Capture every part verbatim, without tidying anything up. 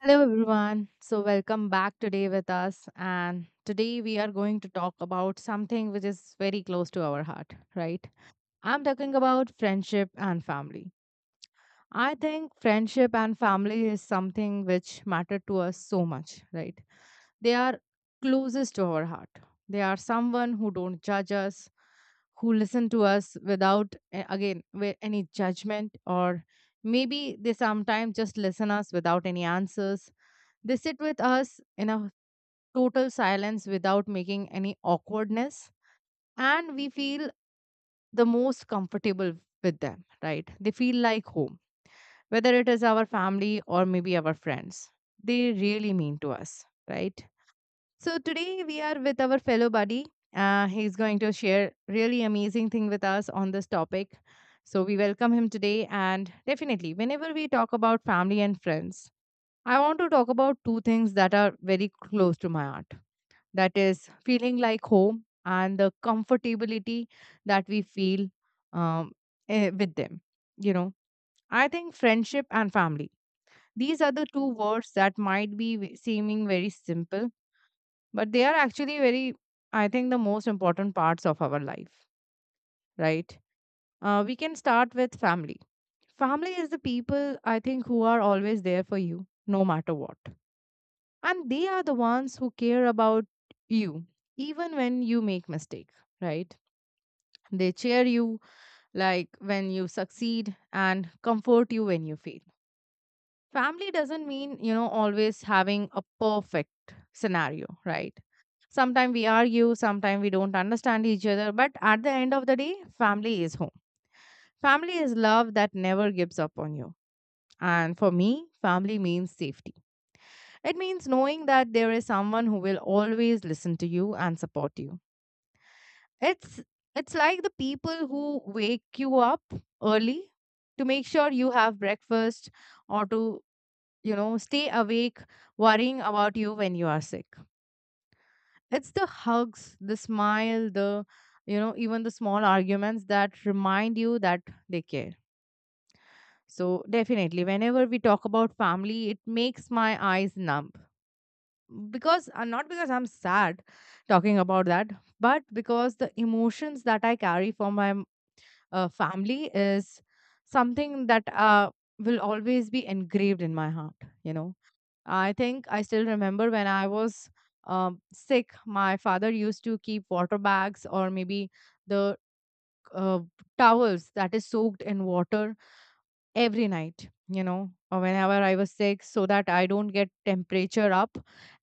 Hello, everyone. So, welcome back today with us. And today we are going to talk about something which is very close to our heart, right? I'm talking about friendship and family. I think friendship and family is something which matter to us so much, right? They are closest to our heart. They are someone who don't judge us, who listen to us without, eh, again, with any judgment, or maybe they sometimes just listen us without any answers. They sit with us in a total silence without making any awkwardness, and we feel the most comfortable with them, right? They feel like home, whether it is our family or maybe our friends. They really mean to us, right? So today we are with our fellow buddy. Uh, he's going to share really amazing thing with us on this topic. So we welcome him today, and definitely, whenever we talk about family and friends, I want to talk about two things that are very close to my heart. That is feeling like home and the comfortability that we feel um, eh, with them you know I think friendship and family, these are the two words that might be ve- seeming very simple, but they are actually very, I think, the most important parts of our life, right? Uh, we can start with family. Family is the people, I think, who are always there for you no matter what. And they are the ones who care about you even when you make mistake, right? They cheer you like when you succeed and comfort you when you fail. Family doesn't mean, you know, always having a perfect scenario, right? Sometimes we argue, sometimes we don't understand each other, but at the end of the day, family is home. Family is love that never gives up on you. And for me, family means safety. It means knowing that there is someone who will always listen to you and support you. It's it's like the people who wake you up early to make sure you have breakfast or to, you know, stay awake worrying about you when you are sick. It's the hugs, the smile, the you know, even the small arguments that remind you that they care. So definitely whenever we talk about family, it makes my eyes numb. Because uh, not because I'm sad talking about that, but because the emotions that I carry for my uh, family is something that uh, will always be engraved in my heart. You know, I think I still remember when I was um, sick, my father used to keep water bags or maybe the uh, towels that is soaked in water every night, you know, or whenever I was sick, so that I don't get temperature up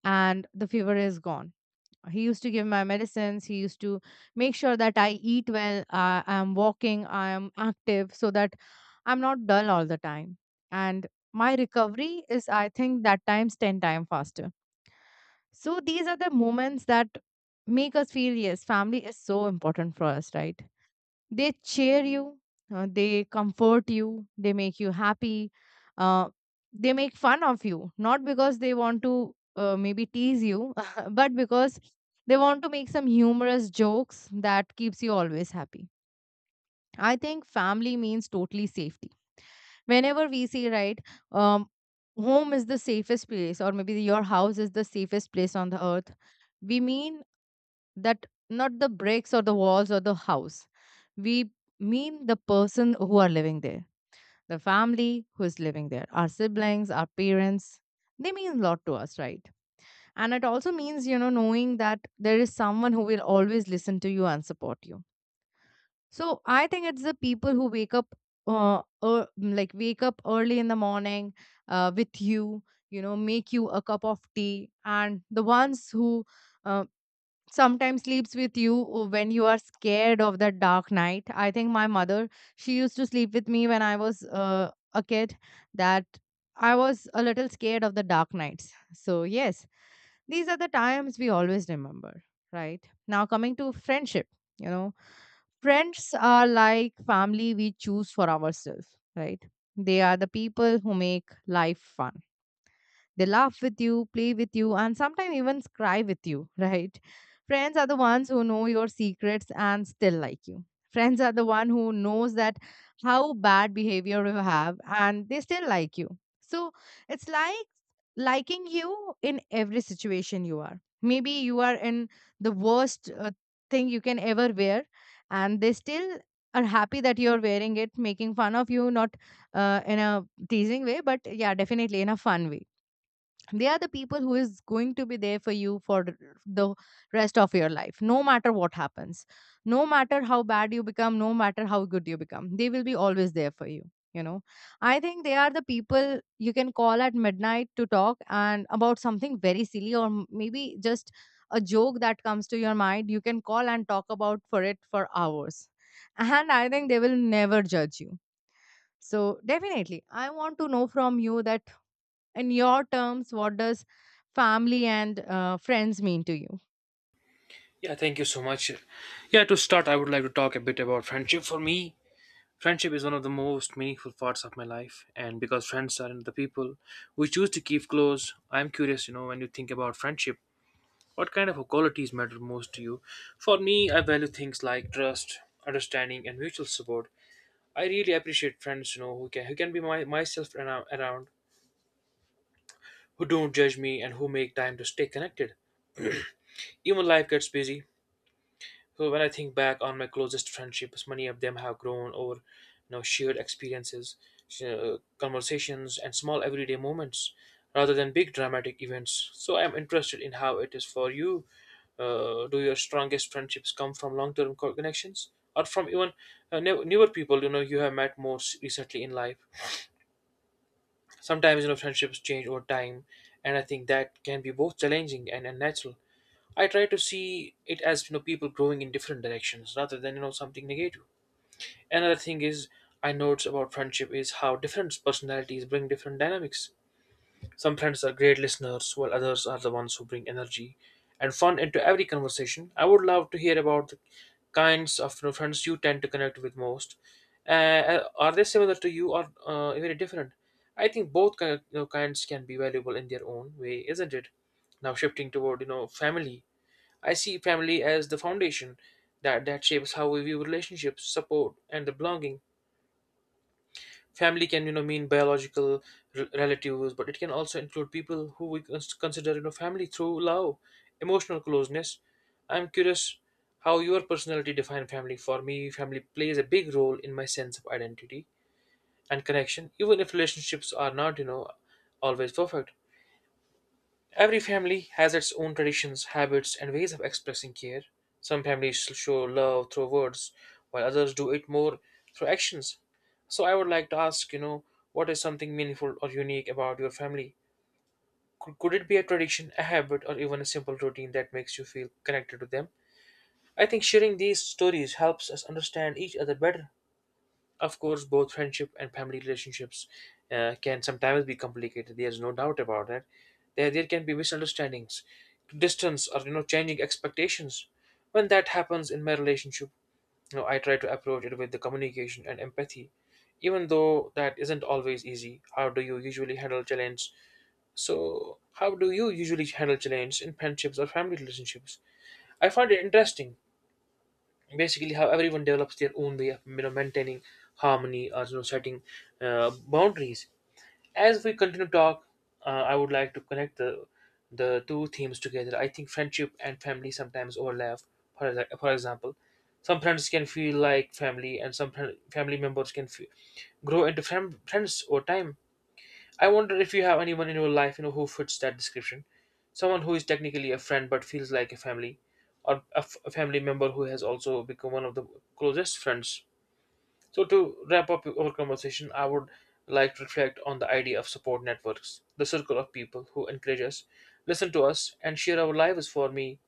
and the fever is gone he used to give my medicines he used to make sure that I eat well, uh, I'm walking, I'm active, so that I'm not dull all the time. And my recovery is, I think, that times ten times faster. So these are the moments that make us feel, yes, family is so important for us, right? They cheer you, uh, they comfort you, they make you happy, uh, they make fun of you, not because they want to uh, maybe tease you, but because they want to make some humorous jokes that keeps you always happy. I think family means totally safety. Whenever we say, right, um, home is the safest place, or maybe your house is the safest place on the earth. We mean that not the bricks or the walls or the house. We mean the person who are living there, the family who is living there, our siblings, our parents, they mean a lot to us, right? And it also means, you know knowing that there is someone who will always listen to you and support you. So I think it's the people who wake up uh, uh like wake up early in the morning, uh, with you, you know make you a cup of tea, and the ones who uh, sometimes sleeps with you uh, when you are scared of the dark night. I think my mother, she used to sleep with me when I was uh, a kid, that I was a little scared of the dark nights. So yes, these are the times we always remember, right? Now coming to friendship, you know friends are like family we choose for ourselves, right? They are the people who make life fun. They laugh with you, play with you, and sometimes even cry with you, right? Friends are the ones who know your secrets and still like you. Friends are the one who knows that how bad behavior you have and they still like you. So it's like liking you in every situation you are. Maybe you are in the worst uh, thing you can ever wear and they still are happy that you're wearing it, making fun of you, not uh, in a teasing way, but yeah, definitely in a fun way. They are the people who is going to be there for you for the rest of your life, no matter what happens, no matter how bad you become, no matter how good you become, they will be always there for you you know I think they are the people you can call at midnight to talk, and about something very silly or m- maybe just a joke that comes to your mind. You can call and talk about for it for hours, and I think they will never judge you. So definitely I want to know from you that in your terms what does family and uh, friends mean to you. Yeah, thank you so much. Yeah, to start, I would like to talk a bit about friendship. For me, friendship is one of the most meaningful parts of my life, and because friends are the people we choose to keep close, I'm curious, you know, when you think about friendship, what kind of qualities matter most to you? For me, I value things like trust, understanding, and mutual support. I really appreciate friends, you know, who can who can be my myself around, around, who don't judge me, and who make time to stay connected. Even life gets busy. So when I think back on my closest friendships, many of them have grown over you know, shared experiences, uh, conversations, and small everyday moments rather than big dramatic events. So I'm interested in how it is for you. Uh, do your strongest friendships come from long-term co- connections? Or from even uh, new- newer people, you know, you have met more s- recently in life. Sometimes, you know, friendships change over time, and I think that can be both challenging and unnatural. I try to see it as you know people growing in different directions rather than you know something negative. Another thing is I notice about friendship is how different personalities bring different dynamics. Some friends are great listeners, while others are the ones who bring energy and fun into every conversation. I would love to hear about the kinds of you know, friends you tend to connect with most. Uh, uh, are they similar to you or uh, very different? I think both kind you know, kinds can be valuable in their own way, isn't it? Now shifting toward you know family. I see family as the foundation that, that shapes how we view relationships, support, and the belonging. Family can, you know, mean biological re- relatives, but it can also include people who we cons- consider, you know, family through love, emotional closeness. I'm curious how your personality define family. For me, family plays a big role in my sense of identity and connection, even if relationships are not, you know, always perfect. Every family has its own traditions, habits, and ways of expressing care. Some families show love through words, while others do it more through actions. So I would like to ask, you know, what is something meaningful or unique about your family? Could, could it be a tradition, a habit, or even a simple routine that makes you feel connected to them? I think sharing these stories helps us understand each other better. Of course, both friendship and family relationships uh, can sometimes be complicated. There's no doubt about that. There, there can be misunderstandings, distance, or you know, changing expectations. When that happens in my relationship, you know, I try to approach it with the communication and empathy, even though that isn't always easy. How do you usually handle challenge? So, how do you usually handle challenge in friendships or family relationships? I find it interesting basically how everyone develops their own way of you know maintaining harmony or you know setting uh, boundaries. As we continue to talk, uh, I would like to connect the the two themes together. I think friendship and family sometimes overlap. For, exa- for example, some friends can feel like family, and some fri- family members can fe- grow into friend, friends over time. I wonder if you have anyone in your life, you know, who fits that description. Someone who is technically a friend but feels like a family, or a, f- a family member who has also become one of the closest friends. So to wrap up our conversation, I would like to reflect on the idea of support networks, the circle of people who encourage us, listen to us, and share our lives. For me,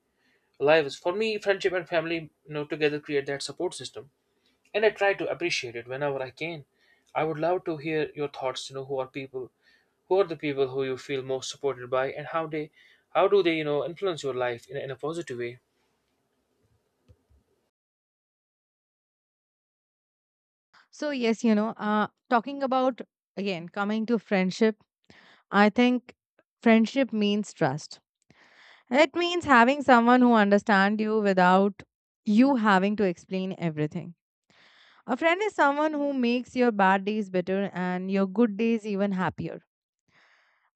lives for me, friendship and family, you know, together create that support system, and I try to appreciate it whenever I can. I would love to hear your thoughts. You know, who are people who are the people who you feel most supported by, and how they how do they you know influence your life in, a- in a positive way? So yes, you know uh, talking about again coming to friendship, I think friendship means trust. It means having someone who understands you without you having to explain everything. A friend is someone who makes your bad days better and your good days even happier.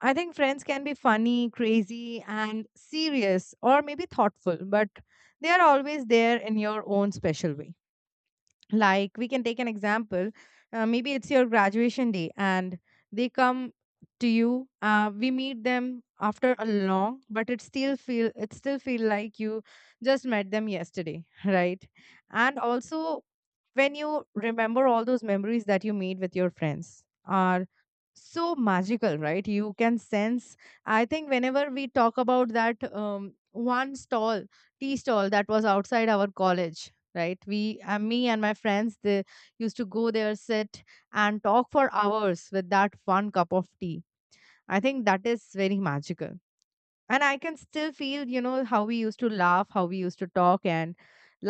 I think friends can be funny, crazy, and serious or maybe thoughtful, but they are always there in your own special way. Like we can take an example, uh, maybe it's your graduation day and they come to you uh, We meet them after a long but it still feel it still feel like you just met them yesterday, right? And also, when you remember all those memories that you made with your friends, are so magical, right? You can sense, I think, whenever we talk about that um, one stall tea stall that was outside our college, right? we uh, Me and my friends, they used to go there, sit and talk for hours with that one cup of tea. I think that is very magical. And I can still feel, you know how we used to laugh, how we used to talk, and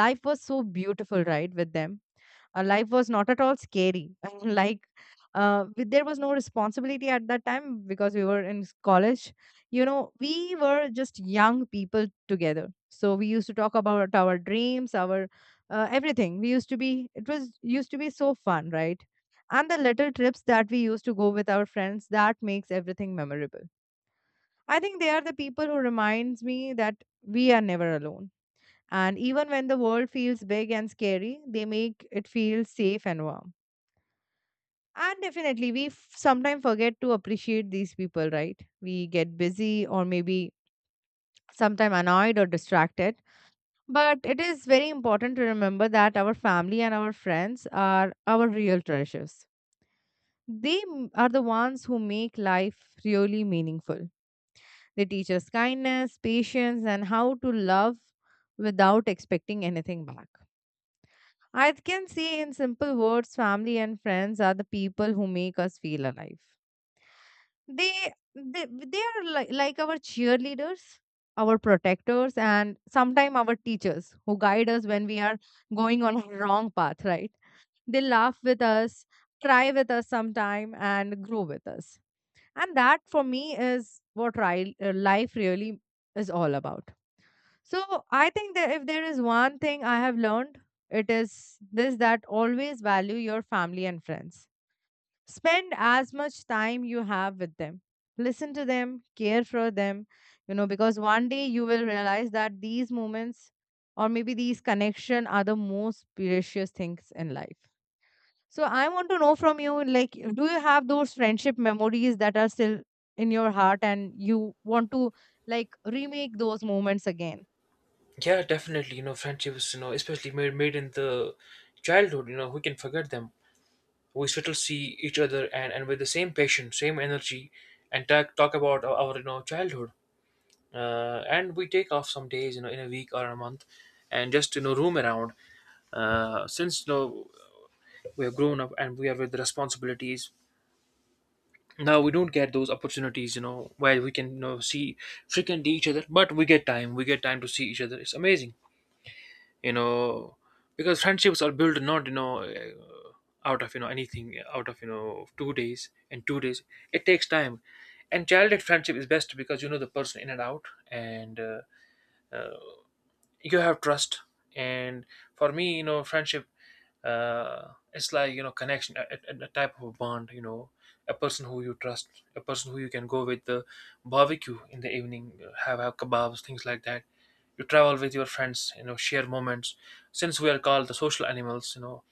life was so beautiful, right, with them. Uh, life was not at all scary. I mean, like, uh, with- there was no responsibility at that time because we were in s- college. You know, we were just young people together. So we used to talk about our dreams, our uh, everything. We used to be, it was used to be so fun, right? And the little trips that we used to go with our friends, that makes everything memorable. I think they are the people who reminds me that we are never alone. And even when the world feels big and scary, they make it feel safe and warm. And definitely, we f- sometimes forget to appreciate these people, right? We get busy or maybe sometimes annoyed or distracted. But it is very important to remember that our family and our friends are our real treasures. They m- are the ones who make life really meaningful. They teach us kindness, patience, and how to love without expecting anything back. I can say in simple words, family and friends are the people who make us feel alive. They they they are like like our cheerleaders, our protectors, and sometimes our teachers who guide us when we are going on a wrong path, right? They laugh with us, cry with us sometime, and grow with us. And that for me is what ri- uh, life really is all about. So I think that if there is one thing I have learned, it is this that always value your family and friends. Spend as much time you have with them. Listen to them, care for them, you know because one day you will realize that these moments or maybe these connection are the most precious things in life. So I want to know from you, like, do you have those friendship memories that are still in your heart and you want to, like, remake those moments again? Yeah, definitely, you know friendships, you know especially made made in the childhood, you know we can forget them. We still see each other, and and with the same passion, same energy, and talk talk about our, our, you know childhood. Uh, and we take off some days, you know in a week or a month, and just you know roam around. Uh, since you know we have grown up and we are with responsibilities now, we don't get those opportunities, you know where we can you know see frequently each other, but we get time we get time to see each other. It's amazing you know because friendships are built, not you know uh, out of you know anything, out of you know two days and two days. It takes time. And childhood friendship is best because you know the person in and out, and uh, you have trust. And for me, you know friendship, uh, it's like, you know connection, a, a, a type of a bond you know a person who you trust, a person who you can go with the barbecue in the evening, you know, have have kebabs, things like that. You travel with your friends, you know share moments, since we are called the social animals. you know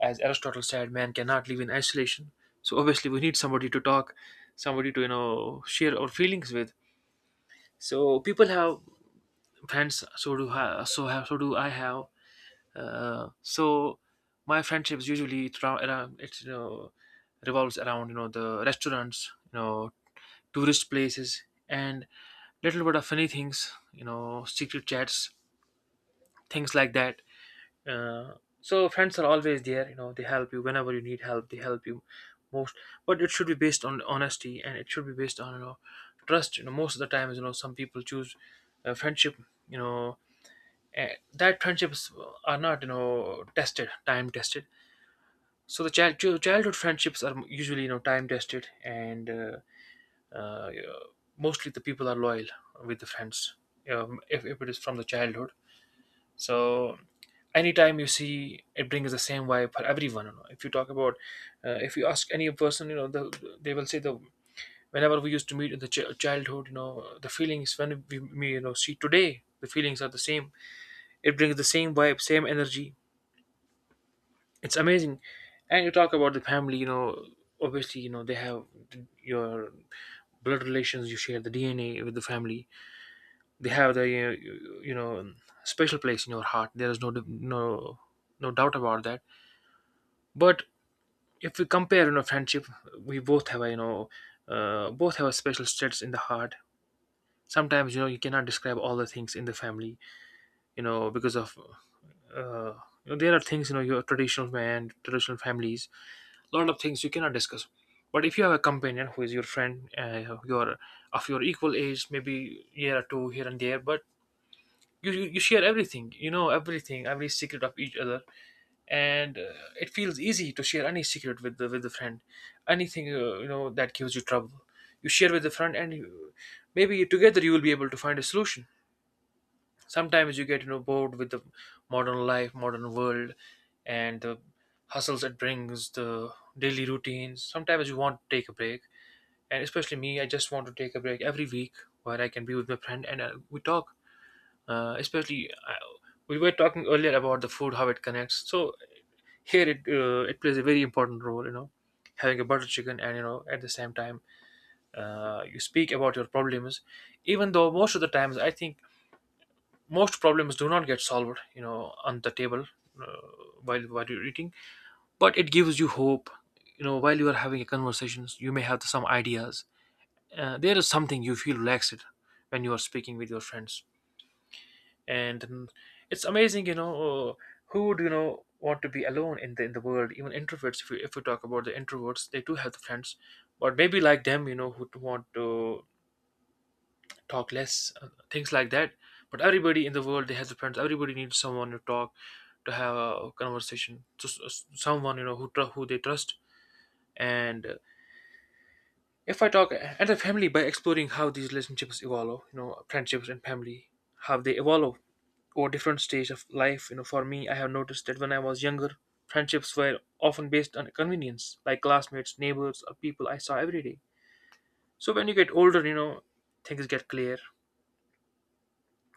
As Aristotle said, man cannot live in isolation. So obviously we need somebody to talk, somebody to you know share our feelings with. So people have friends, so do I, so have so do I have. Uh, so my friendships, usually, it's around, around, it's you know revolves around, you know the restaurants, you know tourist places, and little bit of funny things, you know secret chats, things like that. Uh, so friends are always there. You know they help you whenever you need help. They help you most, but it should be based on honesty, and it should be based on, you know trust. You know most of the times, you know some people choose uh, friendship. You know eh, that friendships are not, you know tested, time tested. So the child chil- childhood friendships are usually, you know time tested, and uh, uh, yeah, mostly the people are loyal with the friends, um, if, if it is from the childhood. So anytime you see, it brings the same vibe for everyone you know. If you talk about uh, if you ask any person, you know the, they will say the whenever we used to meet in the ch- childhood, you know the feelings when we, we you know see today, the feelings are the same. It brings the same vibe, same energy. It's amazing. And you talk about the family, you know, obviously, you know, they have th- your blood relations. You share the D N A with the family. They have the, uh, you know, special place in your heart. There is no, diff- no, no doubt about that. But if we compare, you know, friendship, we both have, a, you know, uh, both have a special status in the heart. Sometimes, you know, you cannot describe all the things in the family, you know, because of, uh, you know, there are things, you know, your traditional man, traditional families. A lot of things you cannot discuss. But if you have a companion who is your friend, uh, your of your equal age, maybe year or two here and there, but you, you you share everything, you know everything, every secret of each other. And uh, it feels easy to share any secret with the with the friend. Anything uh, you know that gives you trouble, you share with the friend, and you, maybe together you will be able to find a solution. Sometimes you get, you know bored with the modern life, modern world, and the hustles it brings, the daily routines. Sometimes you want to take a break, and especially me, I just want to take a break every week, where I can be with my friend, and uh, we talk. Uh, especially, uh, we were talking earlier about the food, how it connects. So here it uh, it plays a very important role, you know having a butter chicken and you know at the same time, uh, you speak about your problems. Even though most of the times I think most problems do not get solved, you know on the table, uh, while while you're eating. But it gives you hope. You know while you are having a conversations, you may have some ideas. Uh, there is something, you feel relaxed when you are speaking with your friends, and mm, it's amazing, you know uh, who would you know want to be alone in the in the world. Even introverts, if we, if we talk about the introverts, they do have the friends. But maybe like them, you know who want to talk less, uh, things like that. But everybody in the world, they has a friends. Everybody needs someone to talk, to have a conversation. So s- s- someone, you know who tr- who they trust. And uh, If I talk at the family by exploring how these relationships evolve, you know, friendships and family, how they evolve over different stage of life. You know, for me, I have noticed that when I was younger, friendships were often based on convenience, like classmates, neighbors, or people I saw every day. So when you get older, you know, things get clear.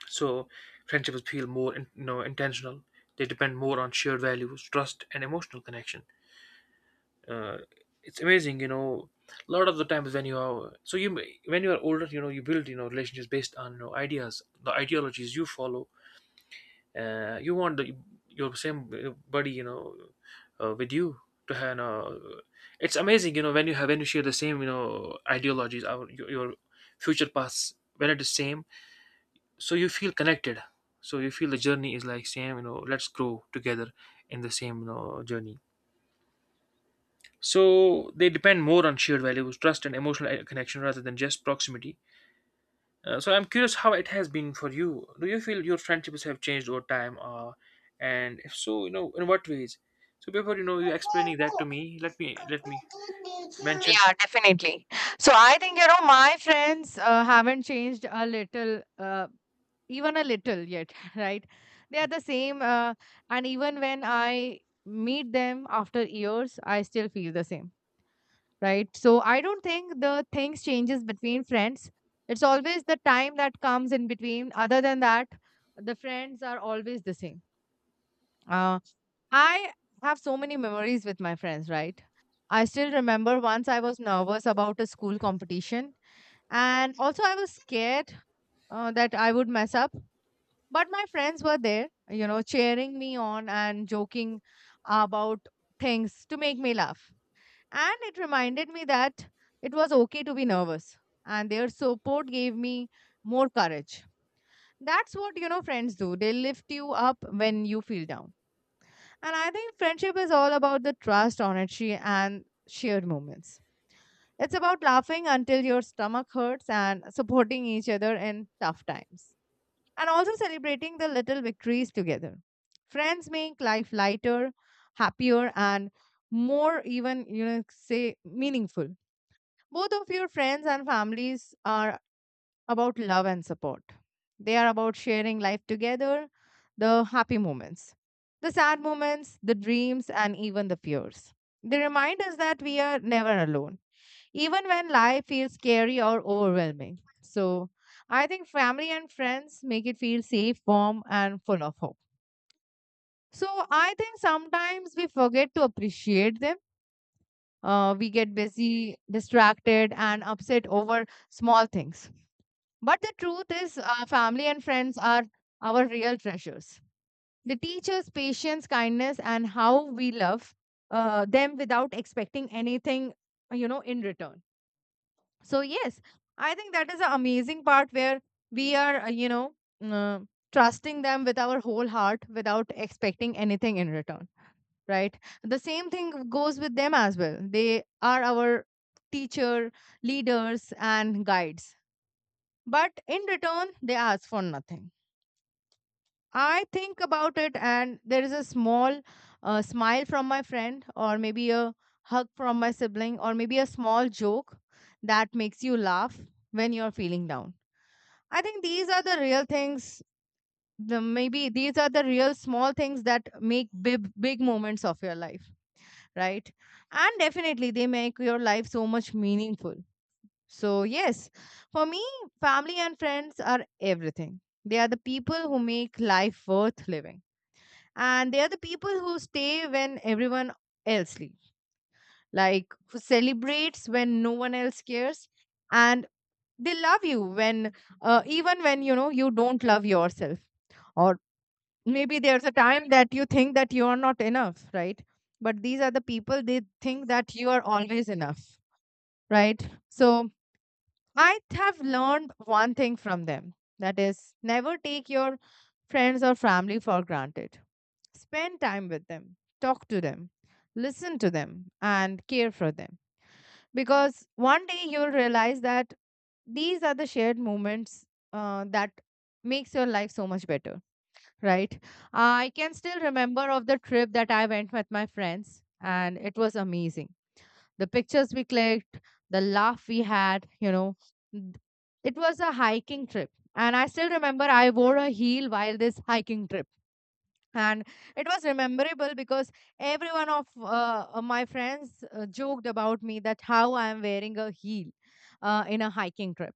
So friendships feel more in, you know, intentional. They depend more on shared values, trust, and emotional connection. Uh, it's amazing, you know. A lot of the times when you are so you when you are older, you know, you build you know relationships based on you know ideas, the ideologies you follow. Uh, you want the, your same uh, buddy, you know, uh, with you to have. You know, it's amazing, you know, when you have when you share the same you know ideologies, our your, your future paths when it is same. So you feel connected. So you feel the journey is like same, you know let's grow together in the same, you know journey. So they depend more on shared values, trust, and emotional uh, connection rather than just proximity. Uh, so I'm curious, how it has been for you? Do you feel your friendships have changed over time? Uh, and if so, you know in what ways? So before, you know you explaining that to me, let me let me mention. Yeah, definitely. So I think, you know, my friends uh, haven't changed a little, uh, even a little yet, right? They are the same. Uh, and even when I meet them after years, I still feel the same, right? So I don't think the things changes between friends. It's always the time that comes in between. Other than that, the friends are always the same. Uh, I have so many memories with my friends, right? I still remember once I was nervous about a school competition, and also I was scared uh, that I would mess up. But my friends were there, you know, cheering me on and joking about things to make me laugh. And it reminded me that it was okay to be nervous, and their support gave me more courage. That's what, you know, friends do. They lift you up when you feel down. And I think friendship is all about the trust, honesty, and shared moments. It's about laughing until your stomach hurts and supporting each other in tough times. And also celebrating the little victories together. Friends make life lighter, happier, and more even, you know, say meaningful. Both of your friends and families are about love and support. They are about sharing life together, the happy moments, the sad moments, the dreams, and even the fears. They remind us that we are never alone even when life feels scary or overwhelming. So, I think family and friends make it feel safe, warm, and full of hope. So, I think sometimes we forget to appreciate them. Uh, we get busy, distracted, and upset over small things. But the truth is, uh, family and friends are our real treasures. They teach us patience, kindness, and how we love uh, them without expecting anything, you know, in return. So yes, I think that is the amazing part where we are, uh, you know, uh, trusting them with our whole heart without expecting anything in return, right? The same thing goes with them as well. They are our teacher, leaders, and guides, but in return, they ask for nothing. I think about it, and there is a small uh, smile from my friend, or maybe a hug from my sibling, or maybe a small joke that makes you laugh when you're feeling down. I think these are the real things. The, maybe these are the real small things that make big big moments of your life, right? And definitely they make your life so much meaningful. So yes, for me, family and friends are everything. They are the people who make life worth living, and they are the people who stay when everyone else leaves, like who celebrates when no one else cares, and they love you when uh, even when you know you don't love yourself, or maybe there's a time that you think that you are not enough, right? But these are the people, they think that you are always enough, right? So I have learned one thing from them, that is never take your friends or family for granted. Spend time with them, talk to them, listen to them and care for them, because one day you'll realize that these are the shared moments uh, that makes your life so much better, right? I can still remember of the trip that I went with my friends and it was amazing, the pictures we clicked, the laugh we had you know Th- it was a hiking trip, and I still remember I wore a heel while this hiking trip, and it was memorable because every one of uh, uh, my friends uh, joked about me that how I am wearing a heel uh, in a hiking trip.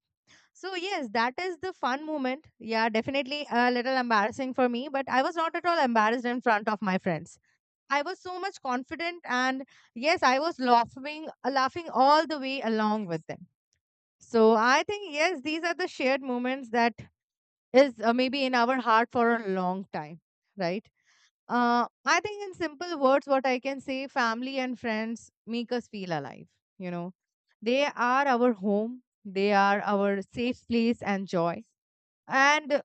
So yes, that is the fun moment. Yeah, definitely a little embarrassing for me, but I was not at all embarrassed in front of my friends. I was so much confident, and yes, I was laughing, uh, laughing all the way along with them. So I think yes, these are the shared moments that is uh, maybe in our heart for a long time, right? Uh, I think in simple words, what I can say, family and friends make us feel alive. You know, they are our home, they are our safe place and joy, and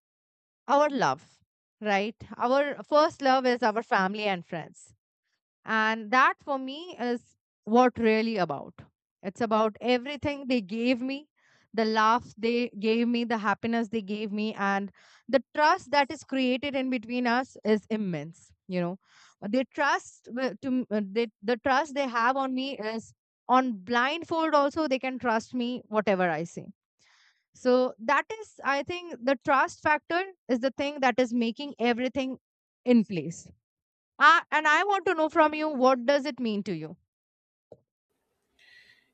our love, right? Our first love is our family and friends. And that for me is what really about. It's about everything they gave me, the laugh they gave me, the happiness they gave me, and the trust that is created in between us is immense. You know, they trust wi- to m- uh, they, the trust they have on me is on blindfold, also they can trust me whatever I say, so that is, I think, the trust factor is the thing that is making everything in place. Uh, and I want to know from you, what does it mean to you?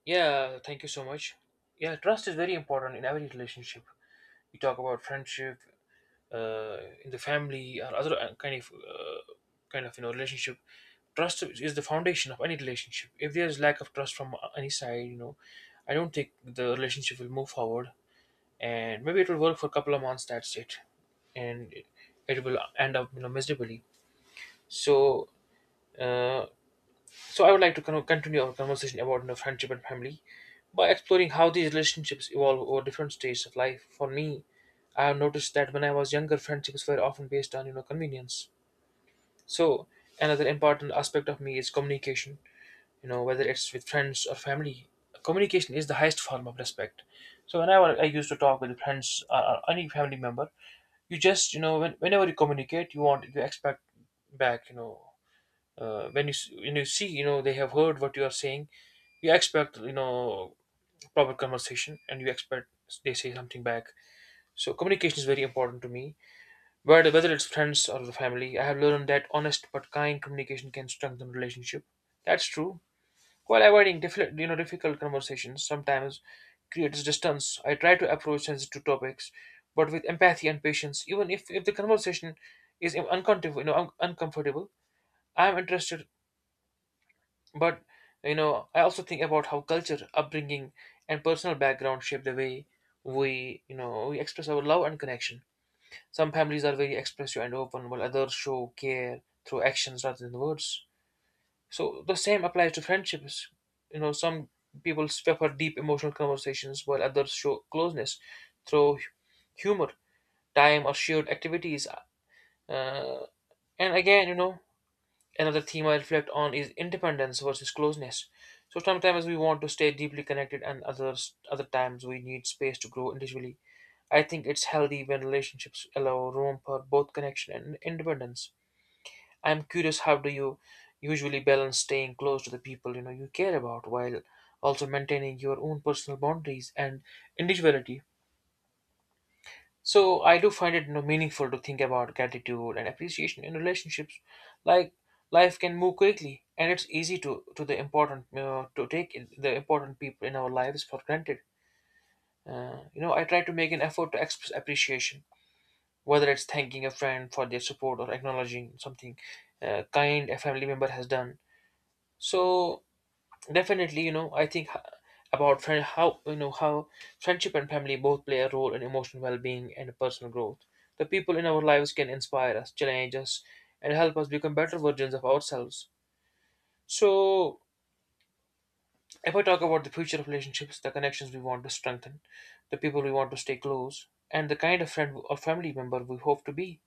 Yeah, thank you so much. Yeah, trust is very important in every relationship. You talk about friendship, uh, in the family or other uh, kind of, uh, kind of, you know relationship. Trust is the foundation of any relationship. If there is lack of trust from any side, you know I don't think the relationship will move forward. And maybe it will work for a couple of months, that's it. and it, it will end up, you know miserably. So uh, so I would like to con- continue our conversation about, you know, friendship and family by exploring how these relationships evolve over different stages of life. For me, I have noticed that when I was younger, friendships were often based on you know convenience. So another important aspect of me is communication. You know, whether it's with friends or family, communication is the highest form of respect. So whenever I used to talk with friends or, or any family member, you just you know when, whenever you communicate, you want you expect back. You know, uh, when you s- when you see, you know, they have heard what you are saying, you expect, you know, proper conversation, and you expect they say something back. So communication is very important to me. Whether whether it's friends or the family, I have learned that honest but kind communication can strengthen relationship. That's true. While avoiding difficult, you know difficult conversations sometimes creates distance, I try to approach sensitive topics but with empathy and patience, even if, if the conversation is uncomfortable, you know un- uncomfortable. I am interested. But you know, I also think about how culture, upbringing, and personal background shape the way we, you know, we express our love and connection. Some families are very expressive and open, while others show care through actions rather than words. So the same applies to friendships. You know, some people prefer deep emotional conversations, while others show closeness through hu- humor, time, or shared activities. Uh, and again, you know, another theme I reflect on is independence versus closeness. So sometimes we want to stay deeply connected, and others other times we need space to grow individually. I think it's healthy when relationships allow room for both connection and independence. I'm curious, how do you usually balance staying close to the people, you know you care about while also maintaining your own personal boundaries and individuality? So I do find it, you know, meaningful to think about gratitude and appreciation in relationships. Like, life can move quickly, and it's easy to to the important, you know, to take in- the important people in our lives for granted. Uh, you know, I try to make an effort to express appreciation, whether it's thanking a friend for their support or acknowledging something uh, kind a family member has done. So definitely, you know I think h- about friend, how, you know how friendship and family both play a role in emotional well-being and personal growth. The people in our lives can inspire us, challenge us, and help us become better versions of ourselves. So if I talk about the future of relationships, the connections we want to strengthen, the people we want to stay close, and the kind of friend or family member we hope to be,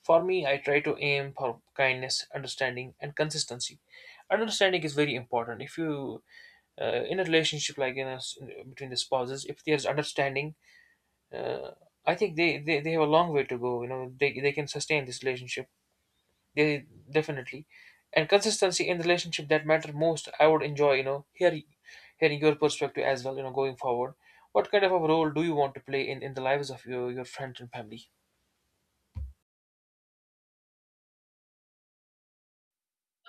for me, I try to aim for kindness, understanding, and consistency. Understanding is very important if you, uh, in a relationship, like in us between the spouses, if there's understanding, uh, I think they, they they have a long way to go. You know, they, they can sustain this relationship. They definitely. And consistency in the relationship, that matter most. I would enjoy, you know hearing hearing your perspective as well, you know, going forward. What kind of a role do you want to play in in the lives of your your friends and family?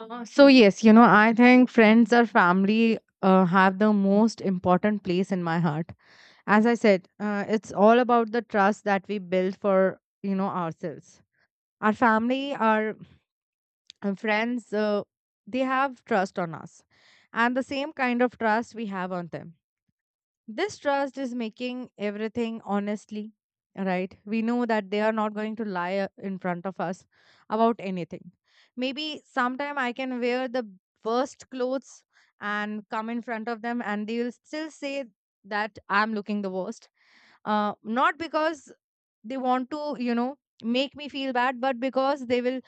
Uh, so yes, you know, I think friends or family uh, have the most important place in my heart. As I said, uh, it's all about the trust that we build for you know ourselves. Our family, our uh, friends, uh, they have trust on us, and the same kind of trust we have on them. This trust is making everything honestly, right? We know that they are not going to lie uh, in front of us about anything. Maybe sometime I can wear the worst clothes and come in front of them, and they will still say that I'm looking the worst. Uh, not because they want to, you know, make me feel bad, but because they will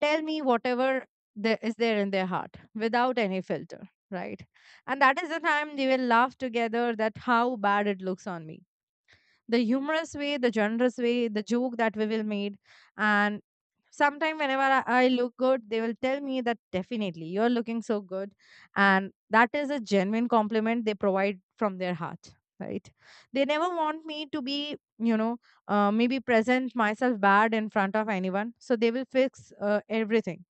tell me whatever there is there in their heart without any filter, right? And that is the time they will laugh together that how bad it looks on me, the humorous way, the generous way, the joke that we will made. And sometime whenever I, I look good, they will tell me that definitely you're looking so good. And that is a genuine compliment they provide from their heart, right? They never want me to be, you know, uh, maybe present myself bad in front of anyone. So they will fix uh, everything.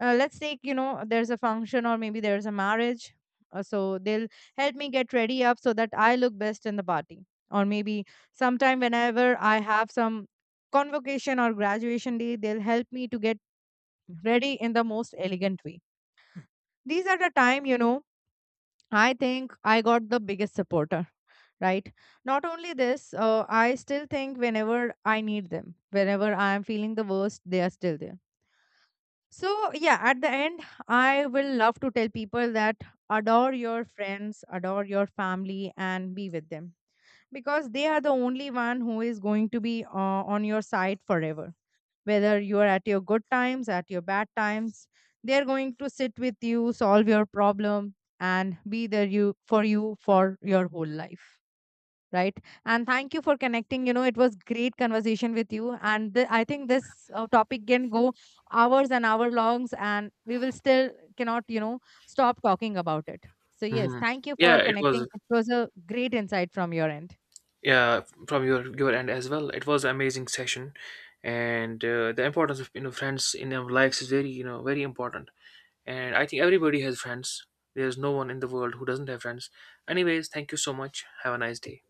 Uh, let's take, you know, there's a function or maybe there's a marriage. Uh, so they'll help me get ready up so that I look best in the party. Or maybe sometime whenever I have some convocation or graduation day, they'll help me to get ready in the most elegant way. These are the time, you know, I think I got the biggest supporter, right? Not only this, uh, I still think whenever I need them, whenever I am feeling the worst, they are still there. So yeah, at the end, I will love to tell people that adore your friends, adore your family and be with them, because they are the only one who is going to be uh, on your side forever, whether you are at your good times, at your bad times, they're going to sit with you, solve your problem, and be there you for you for your whole life, right? And thank you for connecting, you know, it was great conversation with you and th- I think this uh, topic can go hours and hour longs, and we will still cannot, you know, stop talking about it. So yes, Hmm. thank you Yeah, for it connecting, was. it was a great insight from your end. Yeah, from your your end as well, it was an amazing session. And uh, the importance of, you know friends in our lives is very, you know very important. And I think everybody has friends. There's no one in the world who doesn't have friends. Anyways, thank you so much. Have a nice day.